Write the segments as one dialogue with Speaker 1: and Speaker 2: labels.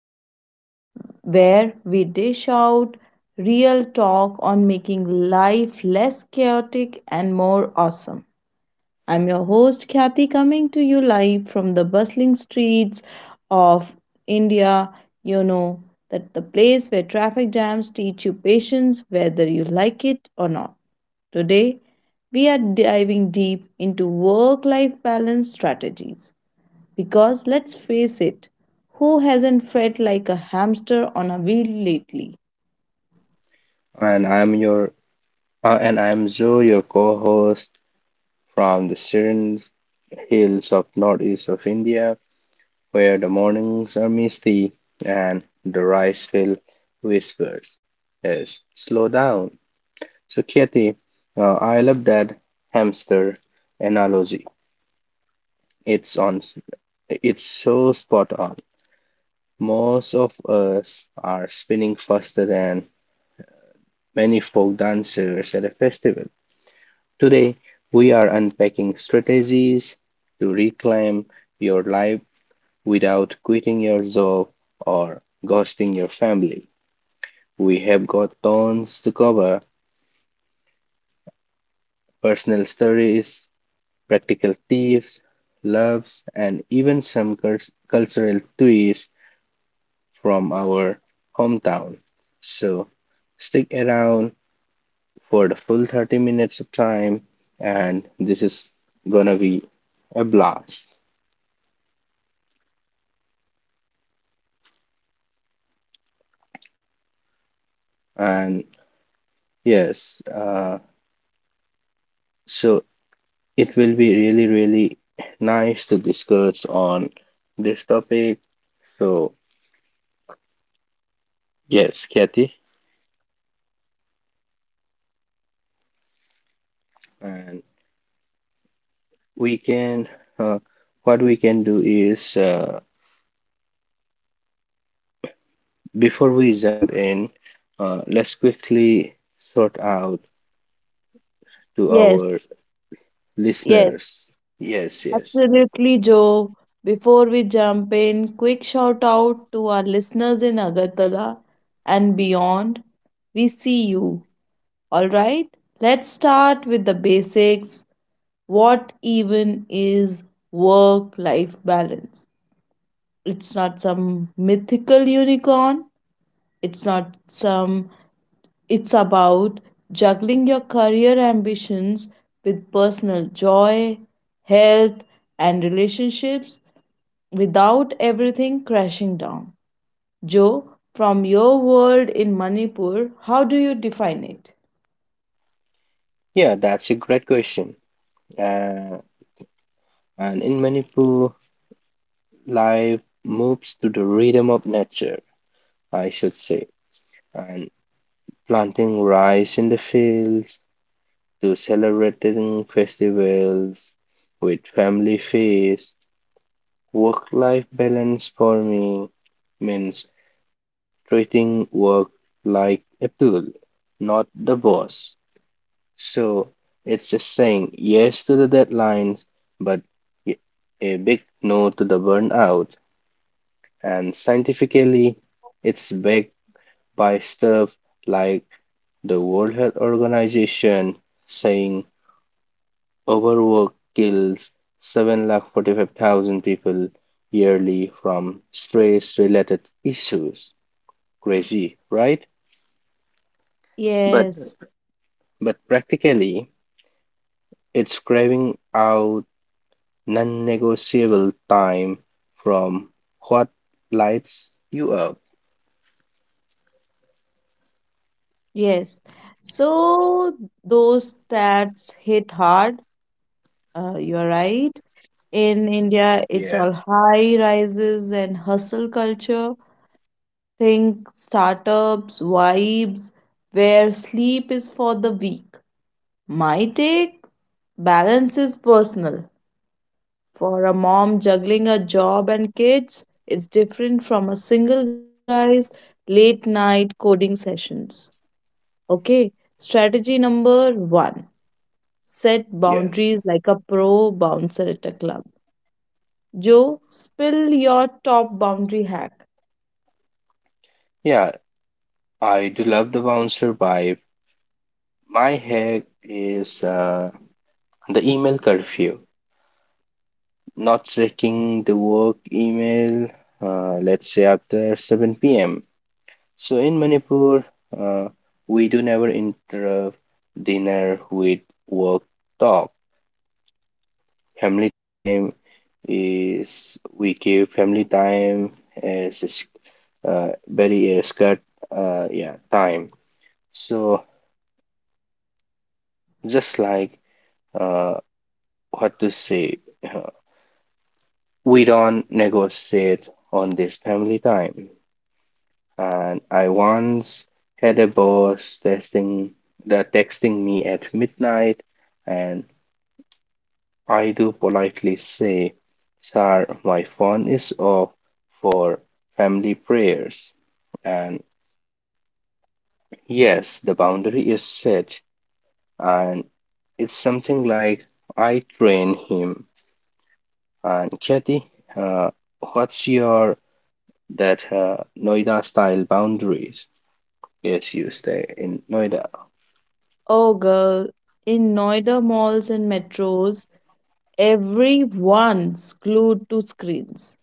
Speaker 1: Bites, where we dish out real talk on making life less chaotic and more awesome. I'm your host, Khyati, coming to you live from the bustling streets of India. You know that the place where traffic jams teach you patience, whether you like it or not. Today, we are diving deep into work life balance strategies. Because let's face it, who hasn't felt like a hamster on a wheel lately?
Speaker 2: And I'm your and I'm Zoe, your co-host from the serene hills of northeast of India, where the mornings are misty and the rice field whispers. Yes, slow down. So, Kathy, I love that hamster analogy. It's on. It's so spot on. Most of us are spinning faster than many folk dancers at a festival. Today, we are unpacking strategies to reclaim your life without quitting your job or ghosting your family. We have got tons to cover personal stories, practical tips, loves, and even some cultural twists from our hometown. So, stick around for the full 30 minutes of time, and this is gonna be a blast. And yes, so it will be really, really nice to discuss on this topic. So, yes, Kathy, and we can, uh, what we can do is, before we jump in, let's quickly sort out to
Speaker 1: Yes,
Speaker 2: our
Speaker 1: yes.
Speaker 2: listeners. Yes, yes.
Speaker 1: Absolutely, Joe. Before we jump in, quick shout out to our listeners in Agartala and beyond. We see you. All right, let's start with the basics. What even is work life balance? It's not some mythical unicorn, it's not some it's about juggling your career ambitions with personal joy, health, and relationships without everything crashing down. Joe, from your world in Manipur, how do you define it?
Speaker 2: Yeah, that's a great question. Uh, and in Manipur, life moves to the rhythm of nature, I should say. And planting rice in the fields, to celebrating festivals with family feast. Work life balance for me means treating work like a tool, not the boss. So it's just saying yes to the deadlines, but a big no to the burnout. And scientifically, it's backed by stuff like the World Health Organization saying overwork kills 745,000 people yearly from stress related issues. Crazy, right? But,
Speaker 1: Yes,
Speaker 2: but practically, it's craving out non negotiable time from what lights you up.
Speaker 1: yes. So those stats hit hard. You're right. In India, it's
Speaker 2: Yeah,
Speaker 1: all high rises and hustle culture. Think startups, vibes, where sleep is for the weak. My take, balance is personal. For a mom juggling a job and kids, it's different from a single guy's late night coding sessions. Okay, strategy number one, set
Speaker 2: yes.
Speaker 1: boundaries like a pro bouncer at a club. Joe, spill your top boundary hack.
Speaker 2: Yeah, I do love the bouncer vibe. My hack is the email curfew. Not checking the work email, let's say after 7 p.m. So in Manipur, uh, we do never interrupt dinner with work talk. Family time is we give family time as a very scarce yeah time. So just like uh, what to say, uh, we don't negotiate on this family time. And I once had a boss texting me at midnight, and I do politely say, "Sir, my phone is off for family prayers." And yes, the boundary is set, and it's something like I train him. And Kathy, uh, what's your that Noida style boundaries? Yes, you stay in Noida.
Speaker 1: Oh, girl, in Noida malls and metros, everyone's glued to screens.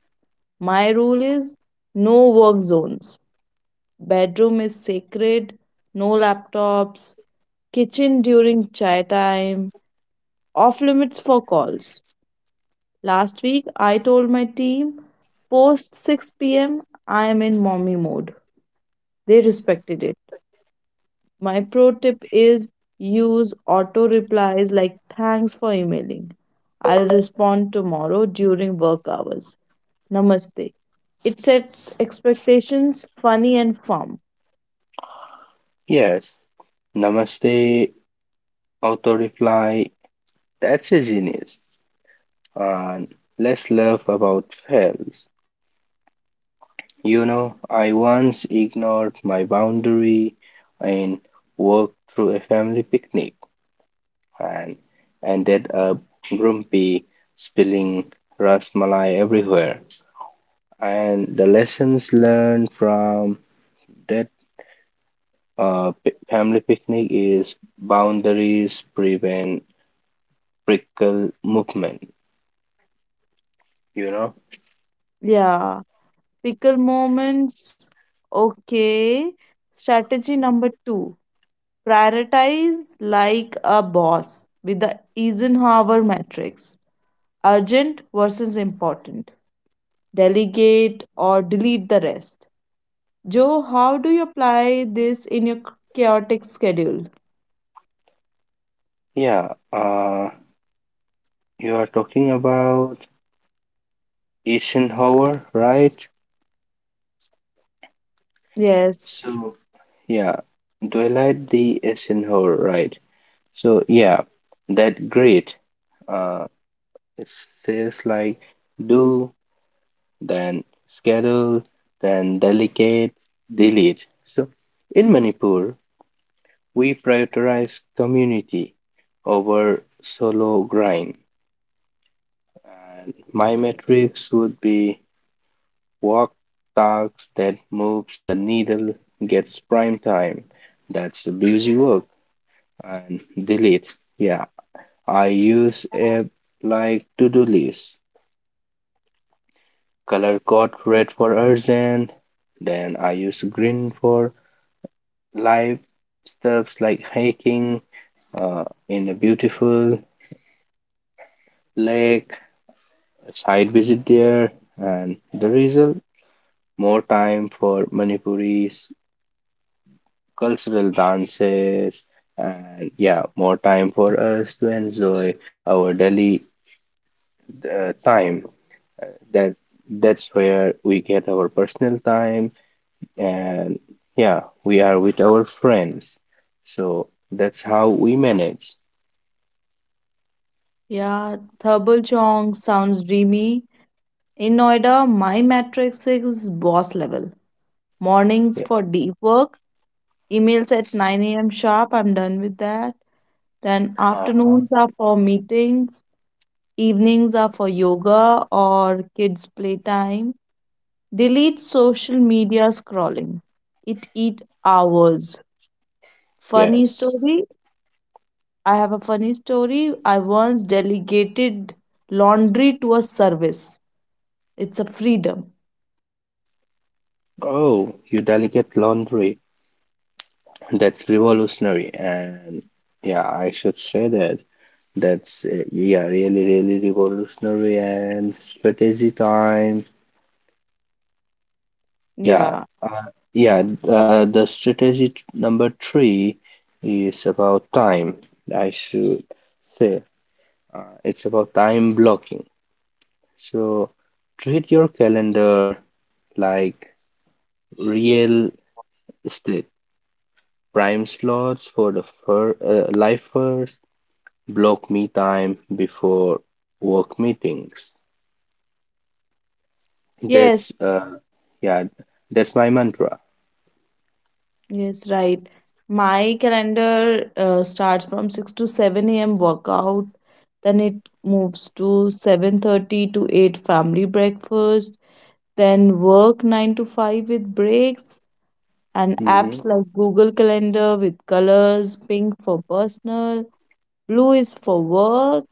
Speaker 1: My rule is no work zones. Bedroom is sacred, no laptops, kitchen during chai time, off limits for calls. Last week, I told my team post 6 p.m., I am in mommy mode. They respected it. My pro tip is use auto replies like thanks for emailing. I'll respond tomorrow during work hours. Namaste. It sets expectations, funny and firm.
Speaker 2: Yes, namaste, auto reply. That's a genius. And let's laugh about fails. You know, I once ignored my boundary and walked through a family picnic and ended up grumpy, spilling rasmalai everywhere. And the lessons learned from that family picnic is boundaries prevent prickle movement, you know?
Speaker 1: Yeah. Pickle moments. Okay. Strategy number two, prioritize like a boss with the Eisenhower matrix, urgent versus important. Delegate or delete the rest. Joe, how do you apply this in your chaotic schedule?
Speaker 2: Yeah, you are talking about Eisenhower, right?
Speaker 1: Yes.
Speaker 2: So, yeah, Twilight the Eisenhower, right? So, yeah, that great. Uh, it says like do, then schedule, then delegate, delete. So, in Manipur, we prioritize community over solo grind. And my metrics would be work tasks that moves the needle gets prime time. That's the busy work. And delete. Yeah. I use app like to-do list. Color code red for urgent. Then I use green for live stuffs like hiking in a beautiful lake, a side visit there, and the result more time for Manipuris cultural dances, and yeah, more time for us to enjoy our daily time. That that's where we get our personal time, and yeah, we are with our friends. So that's how we manage.
Speaker 1: Yeah, Thurbal Chong sounds dreamy. In Noida, my matrix is boss level. Mornings
Speaker 2: Yeah.
Speaker 1: for deep work, emails at 9 a.m. sharp, I'm done with that. Then
Speaker 2: Uh-huh.
Speaker 1: afternoons are for meetings, evenings are for yoga or kids' playtime. Delete social media scrolling. It eat hours. Funny
Speaker 2: Yes.
Speaker 1: story, I have a funny story. I once delegated laundry to a service. It's a freedom.
Speaker 2: Oh, you delicate laundry. That's revolutionary, and yeah, I should say that that's yeah, really, really revolutionary and strategy time. Yeah,
Speaker 1: Yeah.
Speaker 2: uh, yeah. The number three is about time. I should say it's about time blocking. So treat your calendar like real estate prime slots for the fir lifers block me time before work meetings.
Speaker 1: Yes.
Speaker 2: That's Yeah, that's my mantra.
Speaker 1: Yes, right. My calendar starts from 6 to 7 a.m. workout. Then it moves to 7:30 to 8 family breakfast, then work 9 to 5 with breaks, and apps
Speaker 2: Hmm.
Speaker 1: like Google Calendar with colors, pink for personal, blue is for work.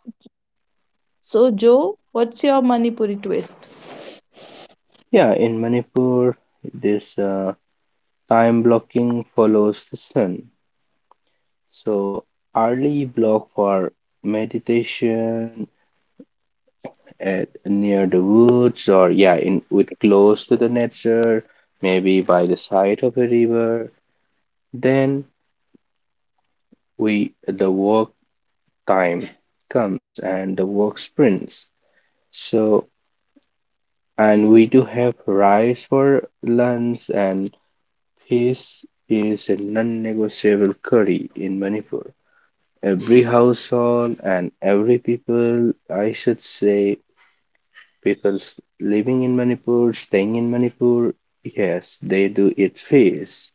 Speaker 1: So, Joe, what's your Manipuri twist?
Speaker 2: Yeah, in Manipur, this time blocking follows the sun. So early block for meditation at near the woods, or yeah, in with close to the nature, maybe by the side of a river. Then we the work time comes and the work sprints. So, and we do have rice for lunch, and fish is a non-negotiable curry in Manipur. Every household and every people, I should say, living in Manipur, staying in Manipur, yes, they do eat fish,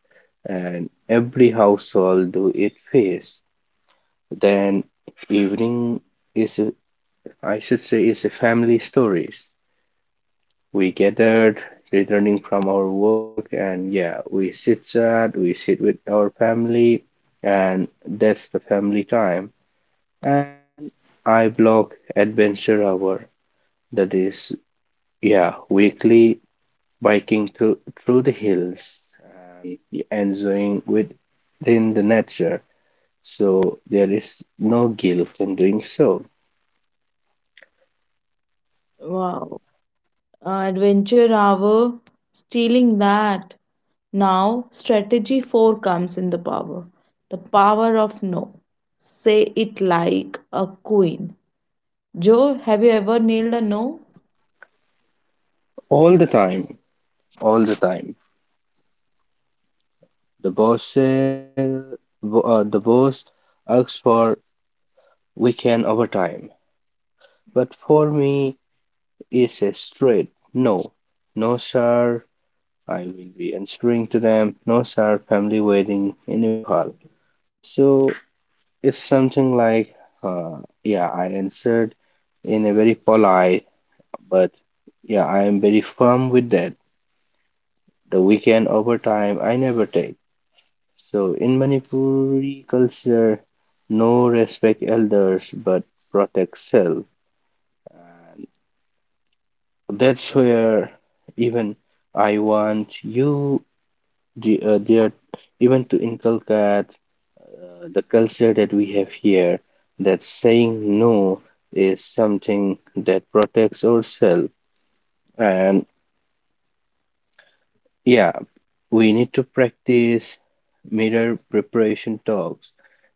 Speaker 2: and every household do eat fish. Then evening is, a, I should say, is a family stories. We gathered, returning from our work, and yeah, we sit with our family, and that's the family time. And I block adventure hour, that is, yeah, weekly biking through the hills and enjoying within the nature. So there is no guilt in doing so.
Speaker 1: Wow. Adventure hour, stealing that. Now, strategy 4 comes in, the power. The power of no. Say it like a queen. Joe, have you ever nailed a no?
Speaker 2: All the time, all the time. The boss says, the boss asks for we can overtime. But for me, it's a straight no. No, sir. I will be answering to them. No, sir. Family wedding in Impal. So it's something like, yeah, I answered in a very polite, but yeah, I am very firm with that. The weekend overtime I never take. So in Manipuri culture, no respect elders but protect self. That's where even I want you the, there even to inculcate the culture that we have here that saying no is something that protects ourselves and yeah, we need to practice mirror preparation talks.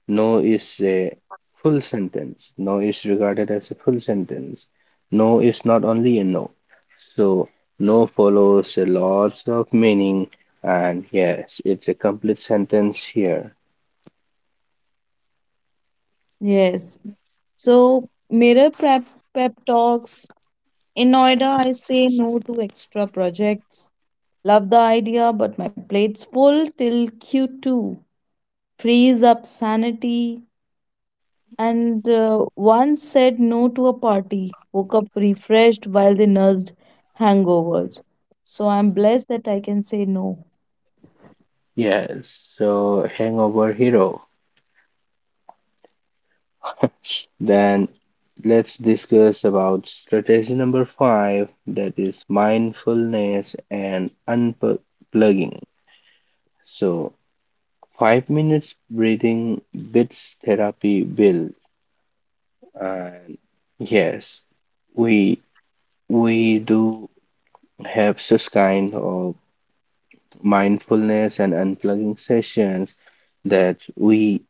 Speaker 2: No is a full sentence. No is regarded as a full sentence. No is not only a no. So, no follows a lot of meaning, and yes, it's a complete sentence here.
Speaker 1: Yes. So, mirror prep, pep talks. In Noida, I say no to extra projects. Love the idea, but my plate's full till Q2. Freeze up sanity, and once said no to a party, woke up refreshed while they nursed hangovers. So I'm blessed that I can say no.
Speaker 2: Yes, so hangover hero. Then let's discuss about strategy number five, that is mindfulness and unplugging. So, 5 minutes breathing bits therapy build, and yes, we we do have such kind of mindfulness and unplugging sessions that we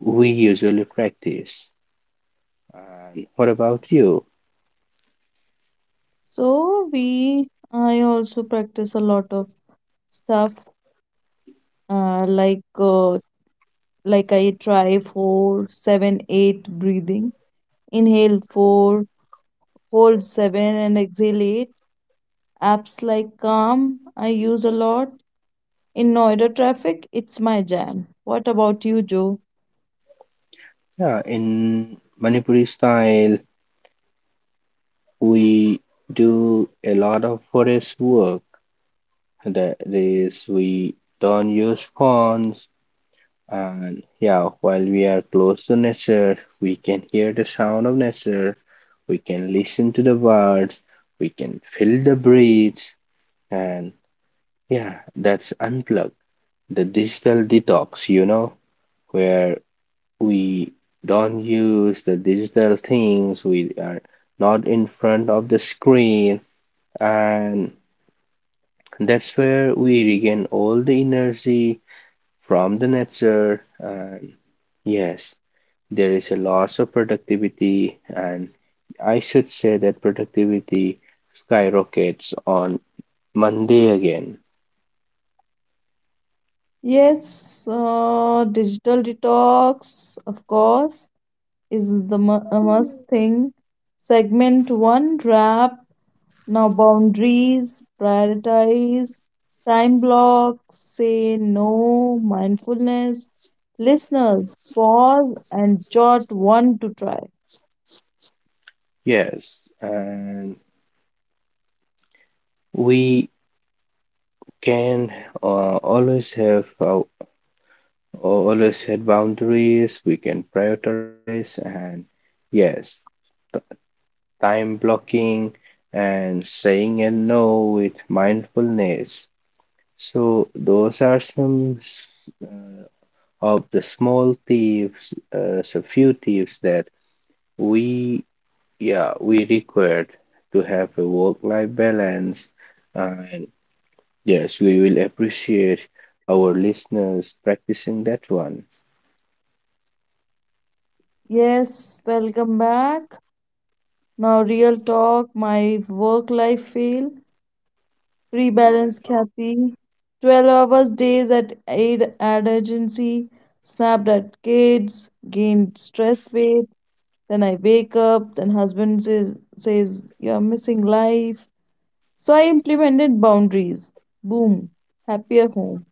Speaker 2: we usually practice. And what about you?
Speaker 1: So I also practice a lot of stuff uh, like uh, like I try four, seven, eight breathing. Inhale four, hold seven, and exhale eight. Apps like Calm I use a lot. In Noida traffic, it's my jam. What about you, Joe?
Speaker 2: Yeah, in Manipuri style, we do a lot of forest work. That is, we don't use phones, and yeah, while we are close to nature, we can hear the sound of nature, we can listen to the birds, we can feel the breeze, and yeah, that's unplugged. The digital detox, you know, where we don't use the digital things, we are not in front of the screen, and that's where we regain all the energy from the nature. And yes, there is a loss of productivity, and I should say that productivity skyrockets on Monday again.
Speaker 1: Yes, digital detox, of course, is a must thing. Segment one wrap. Now, boundaries, prioritize, time blocks, say no, mindfulness. Listeners, pause and jot one to try.
Speaker 2: Yes, and we can uh, always have uh, always set boundaries, we can prioritize, and yes, time blocking and saying a no with mindfulness. So, those are some of the small tips, so few tips that we, yeah, we required to have a work-life balance. And yes, we will appreciate our listeners practicing that one.
Speaker 1: Yes, welcome back. Now, real talk, my work life fail. Rebalance Kathy, 12 hours days at aid ad agency, snapped at kids, gained stress weight. Then I wake up, then husband says, you're missing life. So I implemented boundaries. Boom, happier home.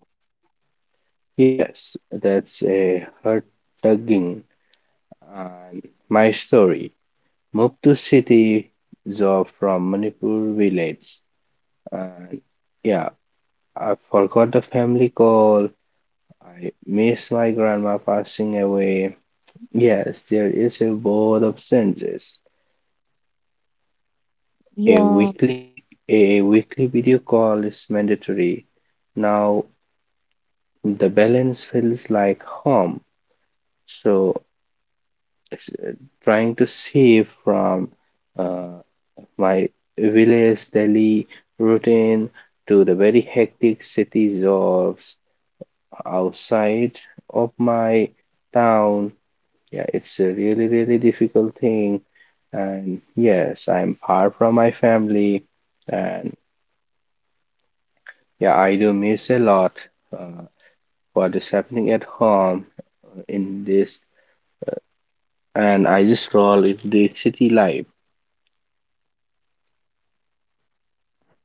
Speaker 2: Yes, that's a heart tugging and my story. Moved to city job from Manipur village, and yeah, I forgot the family call. I miss my grandma passing away. Yes, there is a board of senses. A
Speaker 1: Yeah,
Speaker 2: weekly vi- a weekly video call is mandatory. Now the balance feels like home. So trying to save from uh, my village daily routine to the very hectic cities of outside of my town. Yeah, it's a really, really difficult thing. And yes, I'm far from my family. And yeah, I do miss a lot uh, what is happening at home in this. And I just roll in the city life.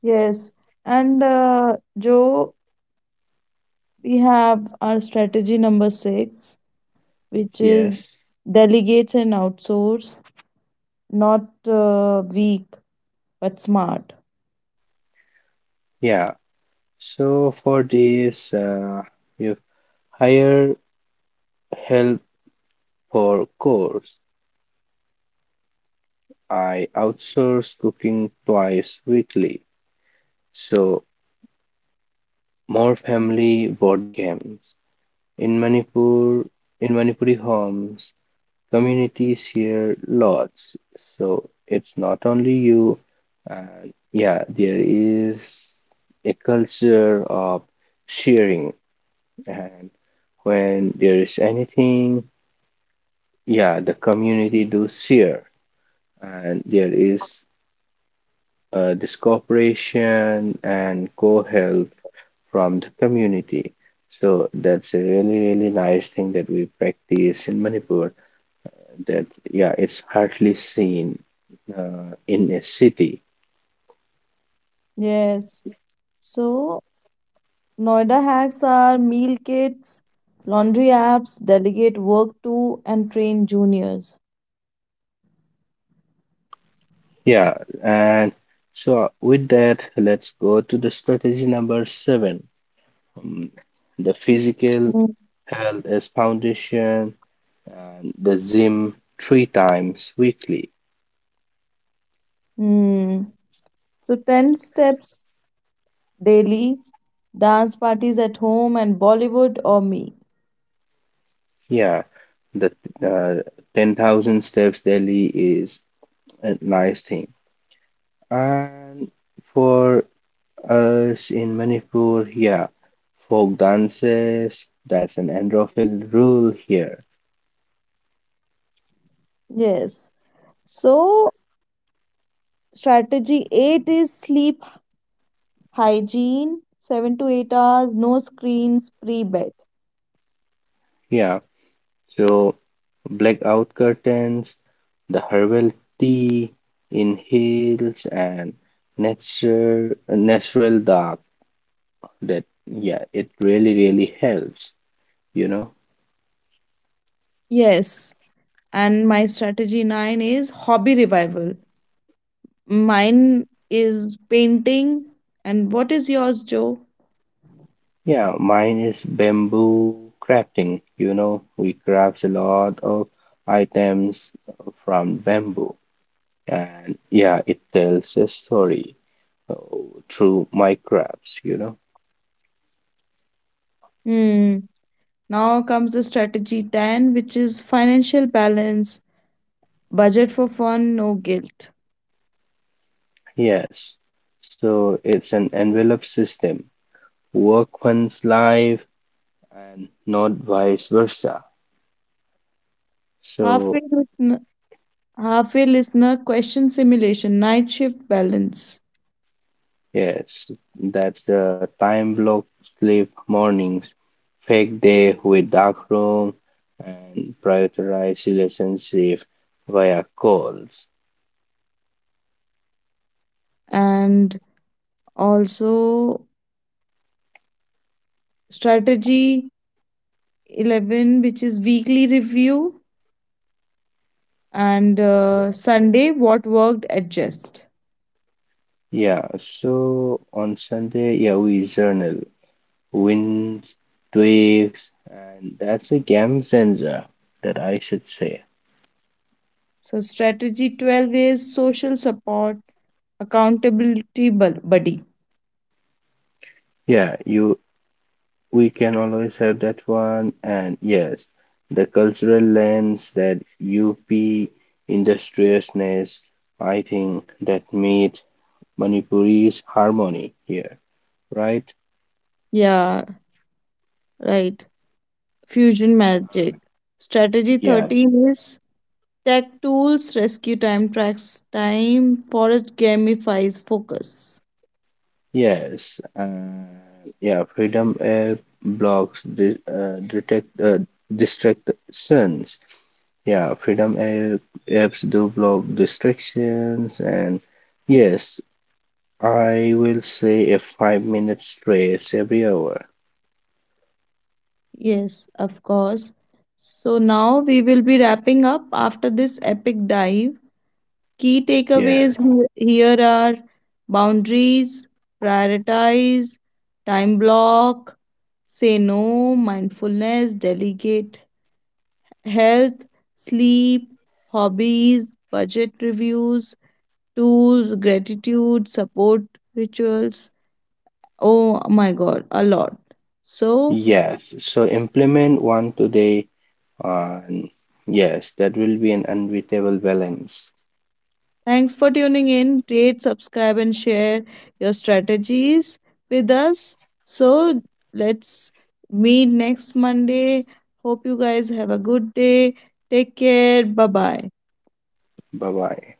Speaker 1: yes. And Joe, we have our strategy number six, which is
Speaker 2: Yes.
Speaker 1: delegates and outsource, not weak, but smart.
Speaker 2: Yeah, so for this, you hire help for course. I outsource cooking twice weekly. So more family board games. In Manipur, in Manipuri homes, communities share lots. So it's not only you. And yeah, there is a culture of sharing, and when there is anything, yeah, the community do share, and there is this cooperation and co-help from the community. So that's a really, really nice thing that we practice in Manipur, that yeah, it's hardly seen in a city.
Speaker 1: Yes. So, Noida hacks are meal kits, laundry apps, delegate work to, and train juniors.
Speaker 2: Yeah, and so with that let's go to the strategy number seven. Um, the physical
Speaker 1: Mm.
Speaker 2: health as foundation and the gym three times weekly.
Speaker 1: Hmm. So, 10 steps daily, dance parties at home, and Bollywood or me.
Speaker 2: Yeah, the uh, 10,000 steps daily is a nice thing. And for us in Manipur, yeah, folk dances, that's an Androphil rule here.
Speaker 1: Yes. So, strategy 8 is sleep hygiene, 7 to 8 hours, no screens pre bed.
Speaker 2: Yeah, so blackout curtains, the herbal tea, inhales, and nature, natural dark, that yeah, it really, really helps, you know.
Speaker 1: Yes. And my strategy 9 is hobby revival. Mine is painting. And what is yours, Joe?
Speaker 2: Yeah, mine is bamboo crafting, you know, we crafts a lot of items from bamboo, and yeah, it tells a story uh, through my crafts, you know.
Speaker 1: Hmm. Now comes the strategy 10, which is financial balance, budget for fun, no guilt.
Speaker 2: Yes, so it's an envelope system, work one's life and not vice versa.
Speaker 1: Halfway
Speaker 2: So
Speaker 1: listener, question simulation, night shift balance.
Speaker 2: yes, that's the time block sleep mornings, fake day with dark room, and prioritize relationship via calls.
Speaker 1: And also strategy 11, which is weekly review, and Sunday, what worked, adjust.
Speaker 2: Yeah, so on Sunday, yeah, we journal wins, tweaks, and that's a game sensor that I should say.
Speaker 1: So, strategy 12 is social support, accountability buddy.
Speaker 2: Yeah, you we can always have that one. And yes, the cultural lens, that UP industriousness, I think that made Manipuri's harmony here, right?
Speaker 1: Yeah, right. Fusion magic. Strategy
Speaker 2: Yeah,
Speaker 1: 13 is tech tools, rescue time tracks time, forest gamifies focus.
Speaker 2: yes, yeah, freedom app blocks the detect distractions. Yeah, freedom app, Apps do block distractions, and yes, I will say a 5 minutes race every hour.
Speaker 1: Yes, of course. So now we will be wrapping up after this epic dive. Key takeaways
Speaker 2: Yes.
Speaker 1: here are boundaries, prioritize, time block, say no, mindfulness, delegate, health, sleep, hobbies, budget reviews, tools, gratitude, support rituals. Oh my god, a lot. So,
Speaker 2: Yes. So implement one today. And yes, that will be an unbeatable balance.
Speaker 1: thanks for tuning in. Rate, subscribe, and share your strategies with us. So, let's meet next Monday. Hope you guys have a good day. Take care. Bye bye.
Speaker 2: Bye bye.